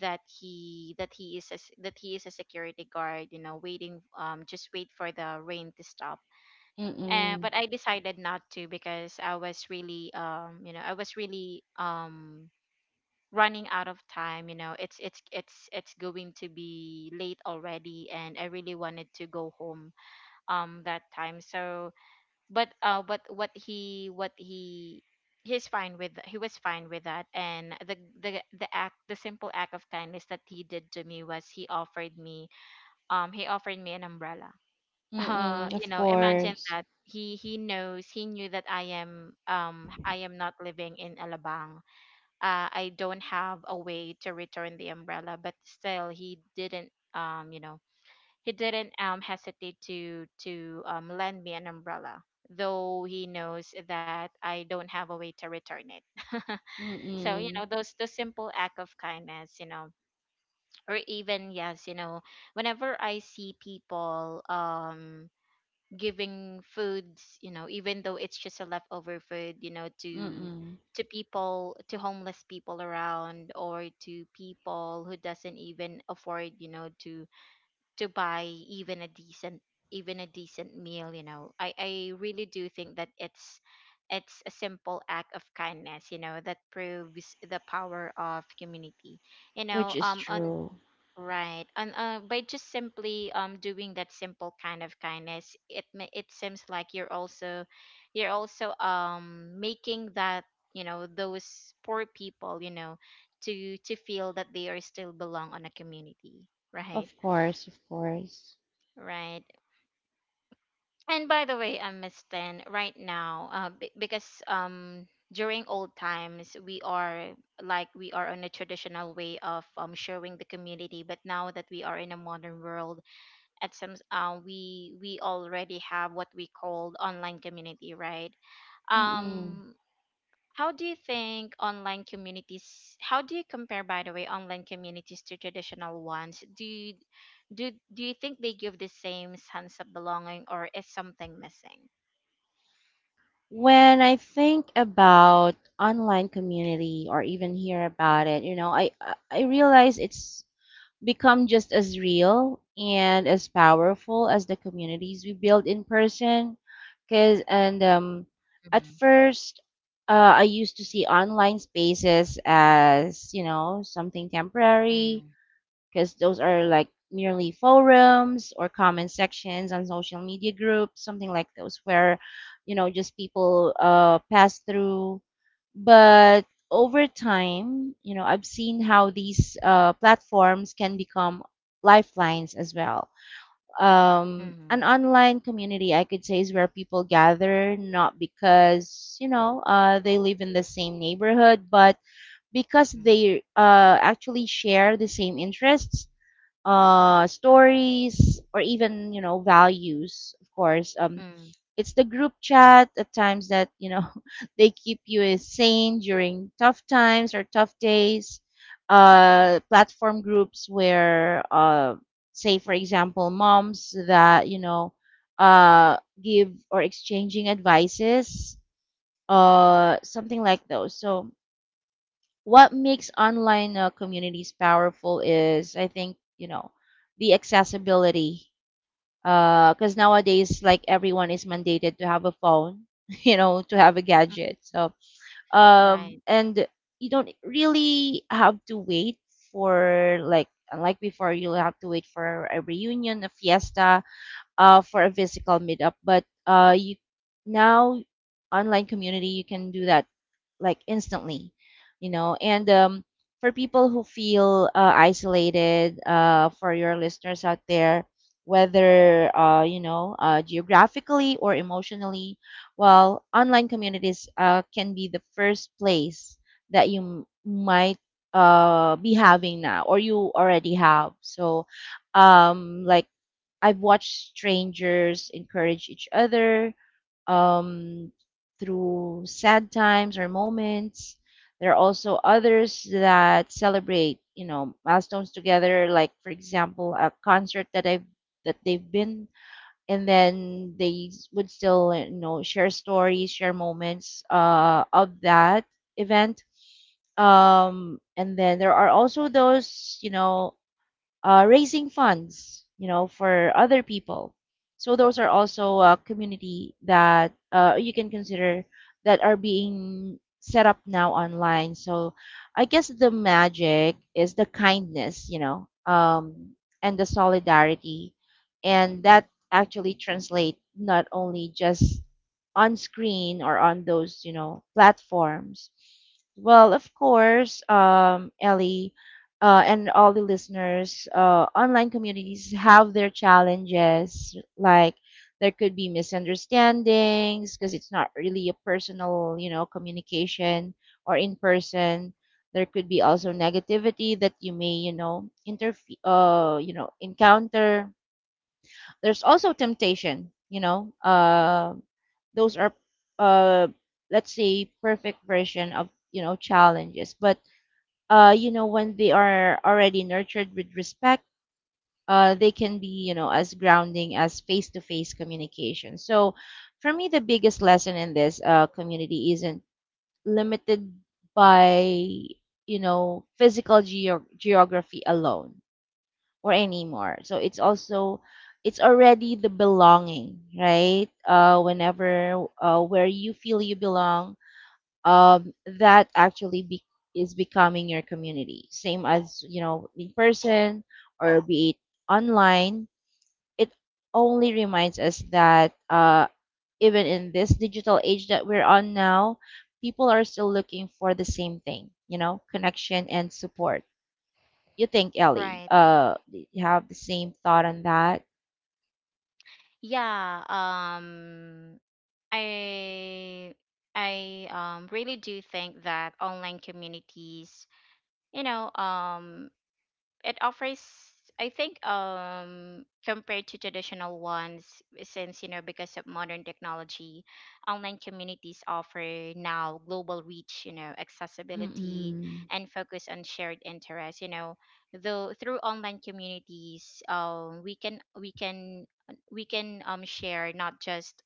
S1: that he is a, s- that he is a security guard, you know, waiting, um, just wait for the rain to stop. And
S2: mm-mm,
S1: but I decided not to, because I was really you know I was really, um, running out of time, you know, it's it's going to be late already, and I really wanted to go home that time. So but what he he was fine with that. And the act, the simple act of kindness that he did to me, was he offered me an umbrella. Uh,
S2: mm-mm.
S1: you
S2: Of
S1: know, imagine
S2: course.
S1: that he knew that I am, um, I am not living in Alabang. Uh, I don't have a way to return the umbrella, but still he didn't, um, you know, he didn't, um, hesitate to lend me an umbrella, though he knows that I don't have a way to return it. So you
S2: Mm-mm,
S1: know those the simple act of kindness, you know, or even yes, you know, whenever I see people, um, giving foods, you know, even though it's just a leftover food, you know,
S2: mm-mm.
S1: to people, to homeless people around, or to people who doesn't even afford, you know, to buy even a decent meal, you know, i really do think that it's a simple act of kindness you know that proves the power of community, you
S2: Which
S1: know,
S2: is
S1: um, on.
S2: true.
S1: Right. And by just simply doing that simple kind of kindness, it seems like you're also you're also, um, making that, you know, those poor people, you know, to feel that they are still belong on a community, right?
S2: Of course, of course.
S1: Right. And by the way, Miss Ten, right now, because during old times we are like we are on a traditional way of showing the community, but now that we are in a modern world, at some, we already have what we called online community, right?
S2: Mm-mm.
S1: Um, how do you think online communities, how do you compare, by the way, online communities to traditional ones? Do you think they give the same sense of belonging, or is something missing?
S2: When I think about online community or even hear about it, you know, I realize it's become just as real and as powerful as the communities we build in person. Cause and
S1: Mm-hmm.
S2: At first, I used to see online spaces as, you know, something
S1: Mm-hmm.
S2: temporary, because those are like merely forums or comment sections on social media groups, something like those, where just people pass through. But over time, you know, I've seen how these platforms can become lifelines as well. An online community, I could say, is where people gather not because, they live in the same neighborhood, but
S1: Mm-hmm.
S2: because they actually share the same interests, stories, or even, values. Of course, it's the group chat at times that, they keep you sane during tough times or tough days. Platform groups where, say for example, moms that, uh, give or exchanging advices, something like those. So what makes online communities powerful is, I think, the accessibility, because nowadays like everyone is mandated to have a phone to have a
S1: Mm-hmm.
S2: gadget. So
S1: Right.
S2: and you don't really have to wait for, like, unlike before, you'll have to wait for a reunion, a fiesta, for a physical meetup. But you now, online community, you can do that like instantly, you know. And for people who feel isolated, for your listeners out there, whether geographically or emotionally, well, online communities can be the first place that you might be having now or you already have. So, like, I've watched strangers encourage each other, um, through sad times or moments. There are also others that celebrate, you know, milestones together. Like, for example, a concert that I've that they've been, and then they would still, you know, share stories, share moments of that event. And then there are also those, raising funds, you know, for other people. So those are also a community that, you can consider that are being set up now online. So I guess the magic is the kindness, and the solidarity, and that actually translate not only just on screen or on those, platforms. Well, of course, Ellie, and all the listeners, online communities have their challenges. Like, there could be misunderstandings because it's not really a personal, you know, communication or in person. There could be also negativity that you may, encounter. There's also temptation, you know. Those are, uh, let's say, perfect version of challenges, but when they are already nurtured with respect, they can be, you know, as grounding as face to face communication. So for me, the biggest lesson in this community isn't limited by, you know, physical geography alone or anymore. So it's already the belonging, right? Whenever where you feel you belong, um, that actually be- is becoming your community. Same as, you know, in person or be it online, it only reminds us that even in this digital age that we're on now, people are still looking for the same thing, you know, connection and support. You think, Ellie,
S1: Right.
S2: you have the same thought on that?
S1: Yeah, um, I I, um, really do think that online communities, you know, um, it offers, I think, um, compared to traditional ones, since you know because of modern technology, online communities offer now global reach, you know, accessibility,
S2: Mm-mm.
S1: and focus on shared interests, you know. Though through online communities, um, we can share not just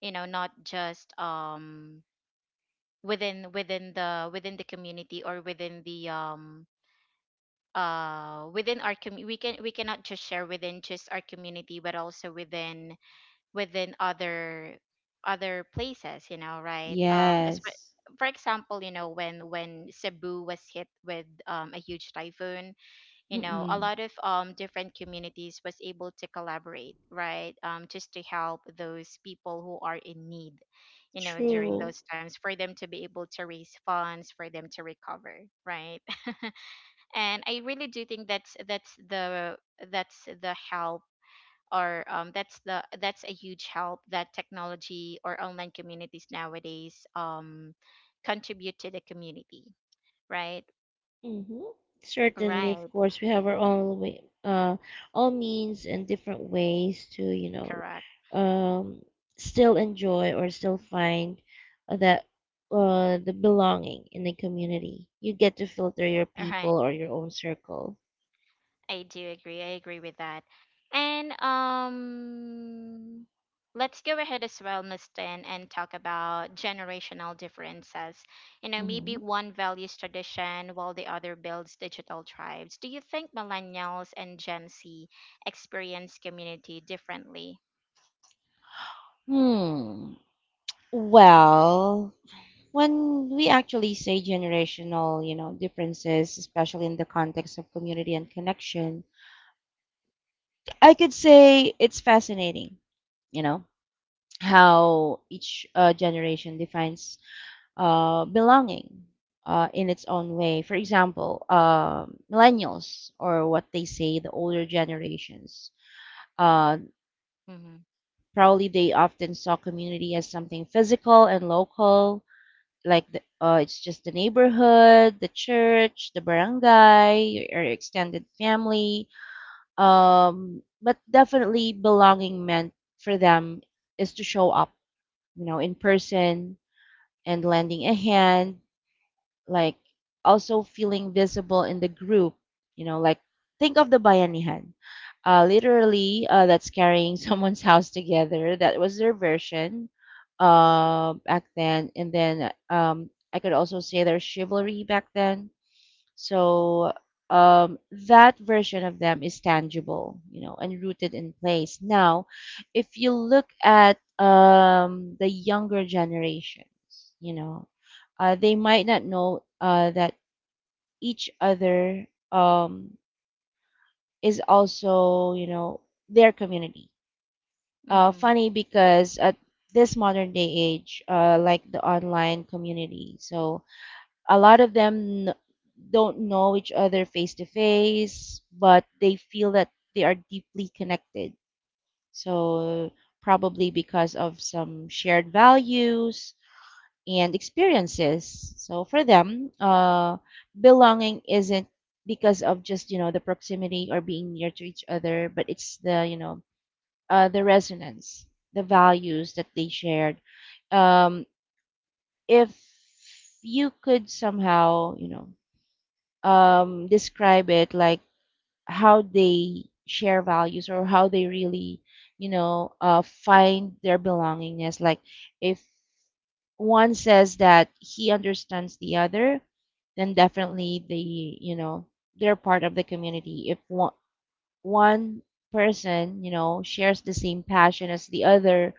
S1: you know not just within within the community, or within the within our community, we cannot just share within just our community, but also within within other other places, you know. Right, um, as
S2: Yes.
S1: for example, you know, when Cebu was hit with, a huge typhoon, you know, a
S2: Mm-mm.
S1: lot of, um, different communities was able to collaborate, right, um, just to help those people who are in need, you know, during
S2: True.
S1: those times, for them to be able to raise funds for them to recover, right. And I really do think that's the help or, that's the that's a huge help that technology or online communities nowadays, contribute to the community, right?
S2: Mm-hmm. Certainly,
S1: Right.
S2: of course, we have our own way, all means and different ways to, you know,
S1: Correct.
S2: um, still enjoy or still find that the belonging in the community. You get to filter your
S1: Right.
S2: people or your own circle.
S1: I do agree. I agree with that. And let's go ahead as well, Miss Tan, and talk about generational differences. You know, maybe
S2: Hmm.
S1: one values tradition while the other builds digital tribes. Do you think millennials and Gen Z experience community differently?
S2: Hmm. Well, when we actually say generational, you know, differences, especially in the context of community and connection, I could say it's fascinating, you know. How each generation defines belonging in its own way. For example, millennials, or what they say, the older generations, uh,
S1: Mm-hmm.
S2: probably they often saw community as something physical and local, like it's just the neighborhood, the church, the barangay, your extended family. But definitely, belonging meant for them is to show up, you know, in person and lending a hand, like also feeling visible in the group. You know, like think of the bayanihan. Literally, that's carrying someone's house together. That was their version back then. And then I could also say there's chivalry back then, so um, that version of them is tangible, you know, and rooted in place. Now, if you look at the younger generations, you know, they might not know that each other is also, you know, their community.
S1: Mm-hmm.
S2: Funny because at this modern day age, like the online community, so a lot of don't know each other face to face, but they feel that they are deeply connected. So, probably because of some shared values and experiences. So, for them, belonging isn't because of just the proximity or being near to each other, but it's the you know the resonance, the values that they shared. Um, if you could somehow describe it like how they share values or how they really, you know, find their belongingness. Like if one says that he understands the other, then definitely they, you know, they're part of the community. If one person, you know, shares the same passion as the other,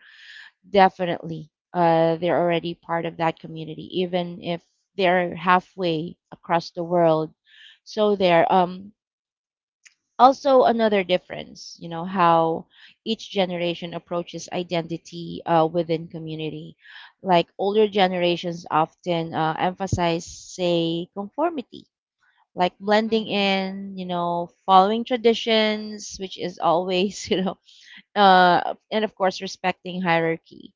S2: definitely they're already part of that community, even if they're halfway across the world. So there, also another difference, you know, how each generation approaches identity within community, like older generations often emphasize, say, conformity, like blending
S1: Mm-hmm.
S2: in, you know, following traditions, which is always you know and of course respecting hierarchy.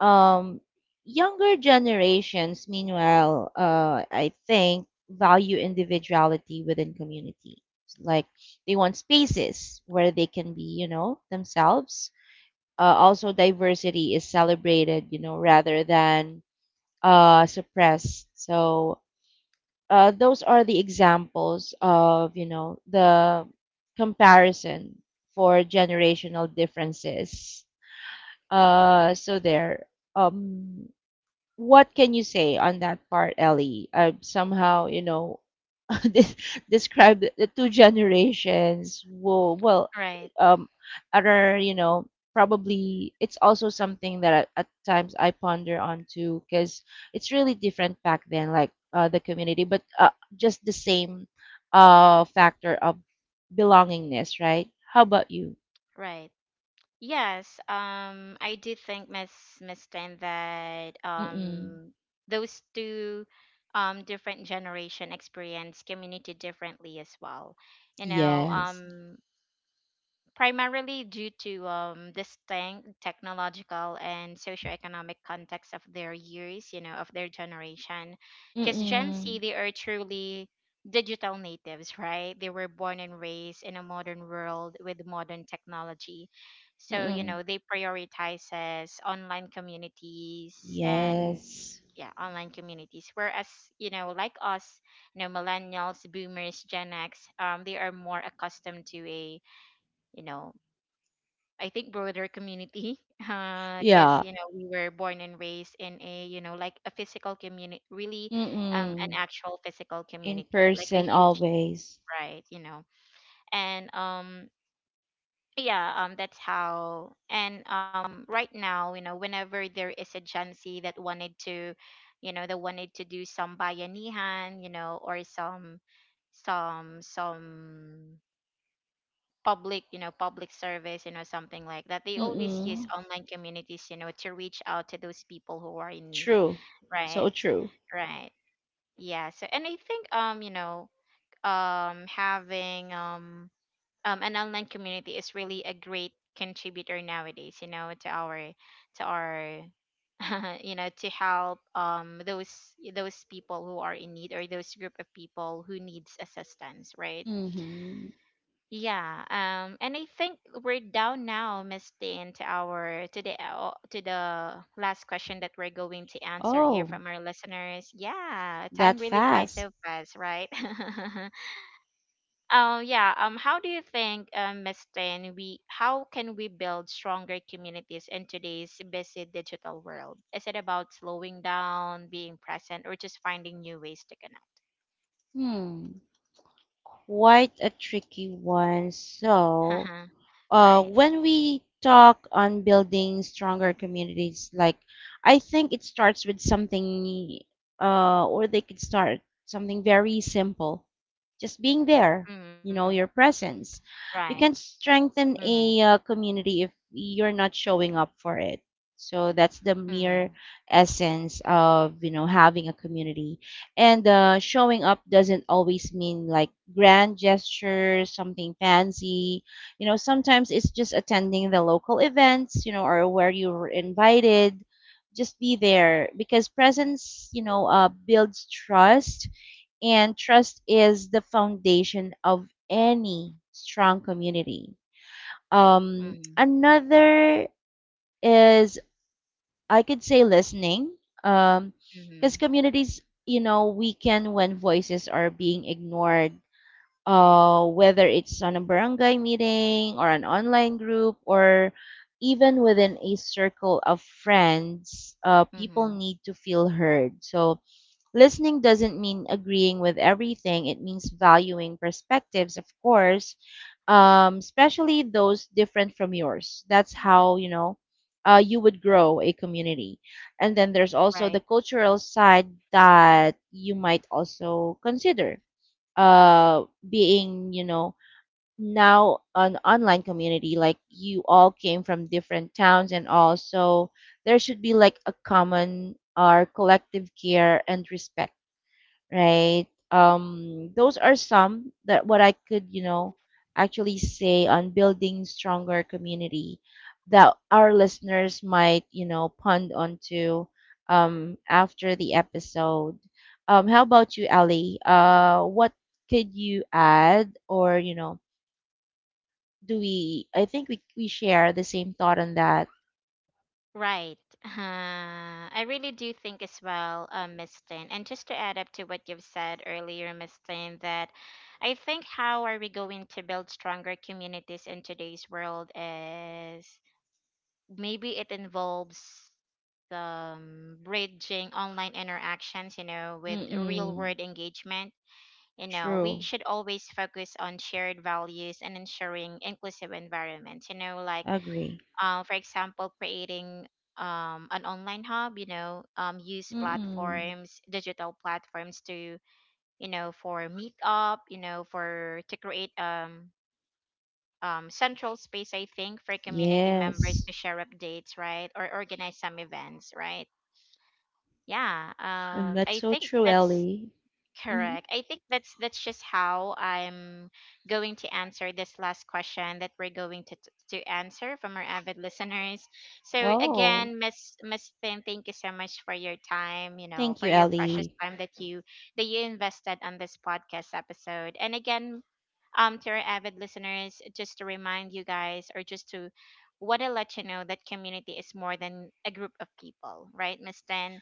S2: um, Younger generations, meanwhile, I think value individuality within community. Like they want spaces where they can be, you know, themselves. Also, diversity is celebrated, you know, rather than suppressed. So those are the examples of, you know, the comparison for generational differences. So there. Um, what can you say on that part, Ellie? Somehow, you know, this, describe the two generations. Well,
S1: Right.
S2: um, you know, probably it's also something that at times I ponder on too, because it's really different back then, like the community, but just the same factor of belongingness, right? How about you?
S1: Right. Yes, I do think Miss Tan, that
S2: Mm-mm.
S1: those two different generation experience community differently as well. You know,
S2: Yes.
S1: primarily due to distinct technological and socioeconomic context of their years, you know, of their generation. Because Gen Z,
S2: Mm-mm.
S1: they are truly digital natives, right? They were born and raised in a modern world with modern technology. So, you
S2: Mm-mm.
S1: know, they prioritize as online communities and
S2: Yes.
S1: yeah, online communities. Whereas, you know, like us, you know, millennials, boomers, Gen X, they are more accustomed to a you know I think broader community because
S2: Yeah.
S1: you know we were born and raised in a you know like a physical community really. An
S2: Mm-mm.
S1: actual physical
S2: In
S1: community, like a
S2: person
S1: huge
S2: always.
S1: pride you know. And Yeah. That's how. And Right now, you know, whenever there is a Gen Z that wanted to, you know, that wanted to do some bayanihan, you know, or some public, you know, public service, you know, something like that, they always use
S2: Mm-mm.
S1: online communities, you know, to reach out to those people who are in need,
S2: True.
S1: right?
S2: So true.
S1: Right. Yeah. So and I think you know, having an online community is really a great contributor nowadays, you know, to our you know, to help those people who are in need, or those group of people who needs assistance, right?
S2: Mm-hmm.
S1: Yeah. And I think we're down now, Miss Tin, to our to the last question that we're going to answer here
S2: Oh,
S1: from our listeners. Yeah, time
S2: that
S1: really flies
S2: fast.
S1: so fast, right? Oh, yeah. How do you think, Miss Tin, we how can we build stronger communities in today's busy digital world? Is it about slowing down, being present, or just finding new ways to connect?
S2: Hmm. Quite a tricky one. So,
S1: Right.
S2: when we talk on building stronger communities, like I think it starts with something, or they could start something very simple, just being there.
S1: Mm,
S2: You know, your presence.
S1: right.
S2: You can strengthen
S1: Mm-hmm.
S2: a community if you're not showing up for it. So that's the
S1: Mm-hmm.
S2: mere essence of you know having a community, and showing up doesn't always mean like grand gestures, something fancy. You know, sometimes it's just attending the local events, you know, or where you were invited. Just be there because presence, you know, builds trust, and trust is the foundation of any strong community.
S1: Mm-hmm.
S2: Another is I could say listening, um,
S1: Mm-hmm.
S2: because communities, you know, weaken when voices are being ignored, whether it's on a barangay meeting or an online group or even within a circle of friends, people
S1: Mm-hmm.
S2: need to feel heard. So, listening doesn't mean agreeing with everything, it means valuing perspectives, of course, especially those different from yours. That's how, you know, you would grow a community. And then there's also
S1: Right.
S2: the cultural side that you might also consider being, you know, now an online community, like you all came from different towns and all, so there should be like a common or collective care and respect, right? Those are some that what I could, you know, actually say on building stronger community that our listeners might, you know, pond onto after the episode. How about you, Ali? What could you add, or you know, do we? I think we share the same thought on that.
S1: Right. I really do think as well, Miss Tin. And just to add up to what you've said earlier, Miss Tin, that I think how are we going to build stronger communities in today's world is maybe it involves bridging online interactions, you know, with real
S2: Mm-mm.
S1: world engagement. You know, we
S2: True.
S1: should always focus on shared values and ensuring inclusive environments. You know, like
S2: Agree.
S1: for example, creating an online hub, you know, use
S2: Mm-mm.
S1: platforms, digital platforms, to you know for meetup, you know, for to create central space, I think, for community members
S2: Yes.
S1: to share updates, right, or organize some events, right? Yeah.
S2: And that's
S1: I
S2: so
S1: think
S2: true,
S1: that's...
S2: Ellie. Mhm.
S1: Correct. I think that's just how I'm going to answer this last question that we're going to answer from our avid listeners. So
S2: Oh,
S1: again, Miss Finn, thank you so much for your time, you know,
S2: thank
S1: for
S2: you,
S1: your precious
S2: Ellie.
S1: time that you invested on this podcast episode. And again, to our avid listeners, just to remind you guys, or just to want to let you know that community is more than a group of people, right, Miss Finn?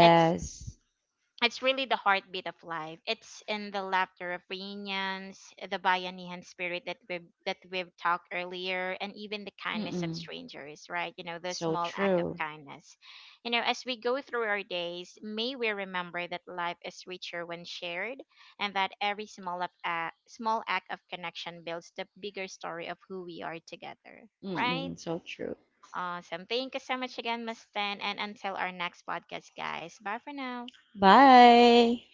S1: It's it's really the heartbeat of life. It's in the laughter of reunions, the Bayanihan spirit that we've talked earlier, and even the kindness of
S2: Mm-mm.
S1: strangers, right? You know, the
S2: So
S1: small act of
S2: true.
S1: kindness. You know, as we go through our days, may we remember that life is richer when shared, and that every small up act, small act of connection builds the bigger story of who we are together, right?
S2: Mm-mm. So true.
S1: Awesome. Thank you so much again, Miss Ten, and until our next podcast, guys. Bye for now.
S2: Bye.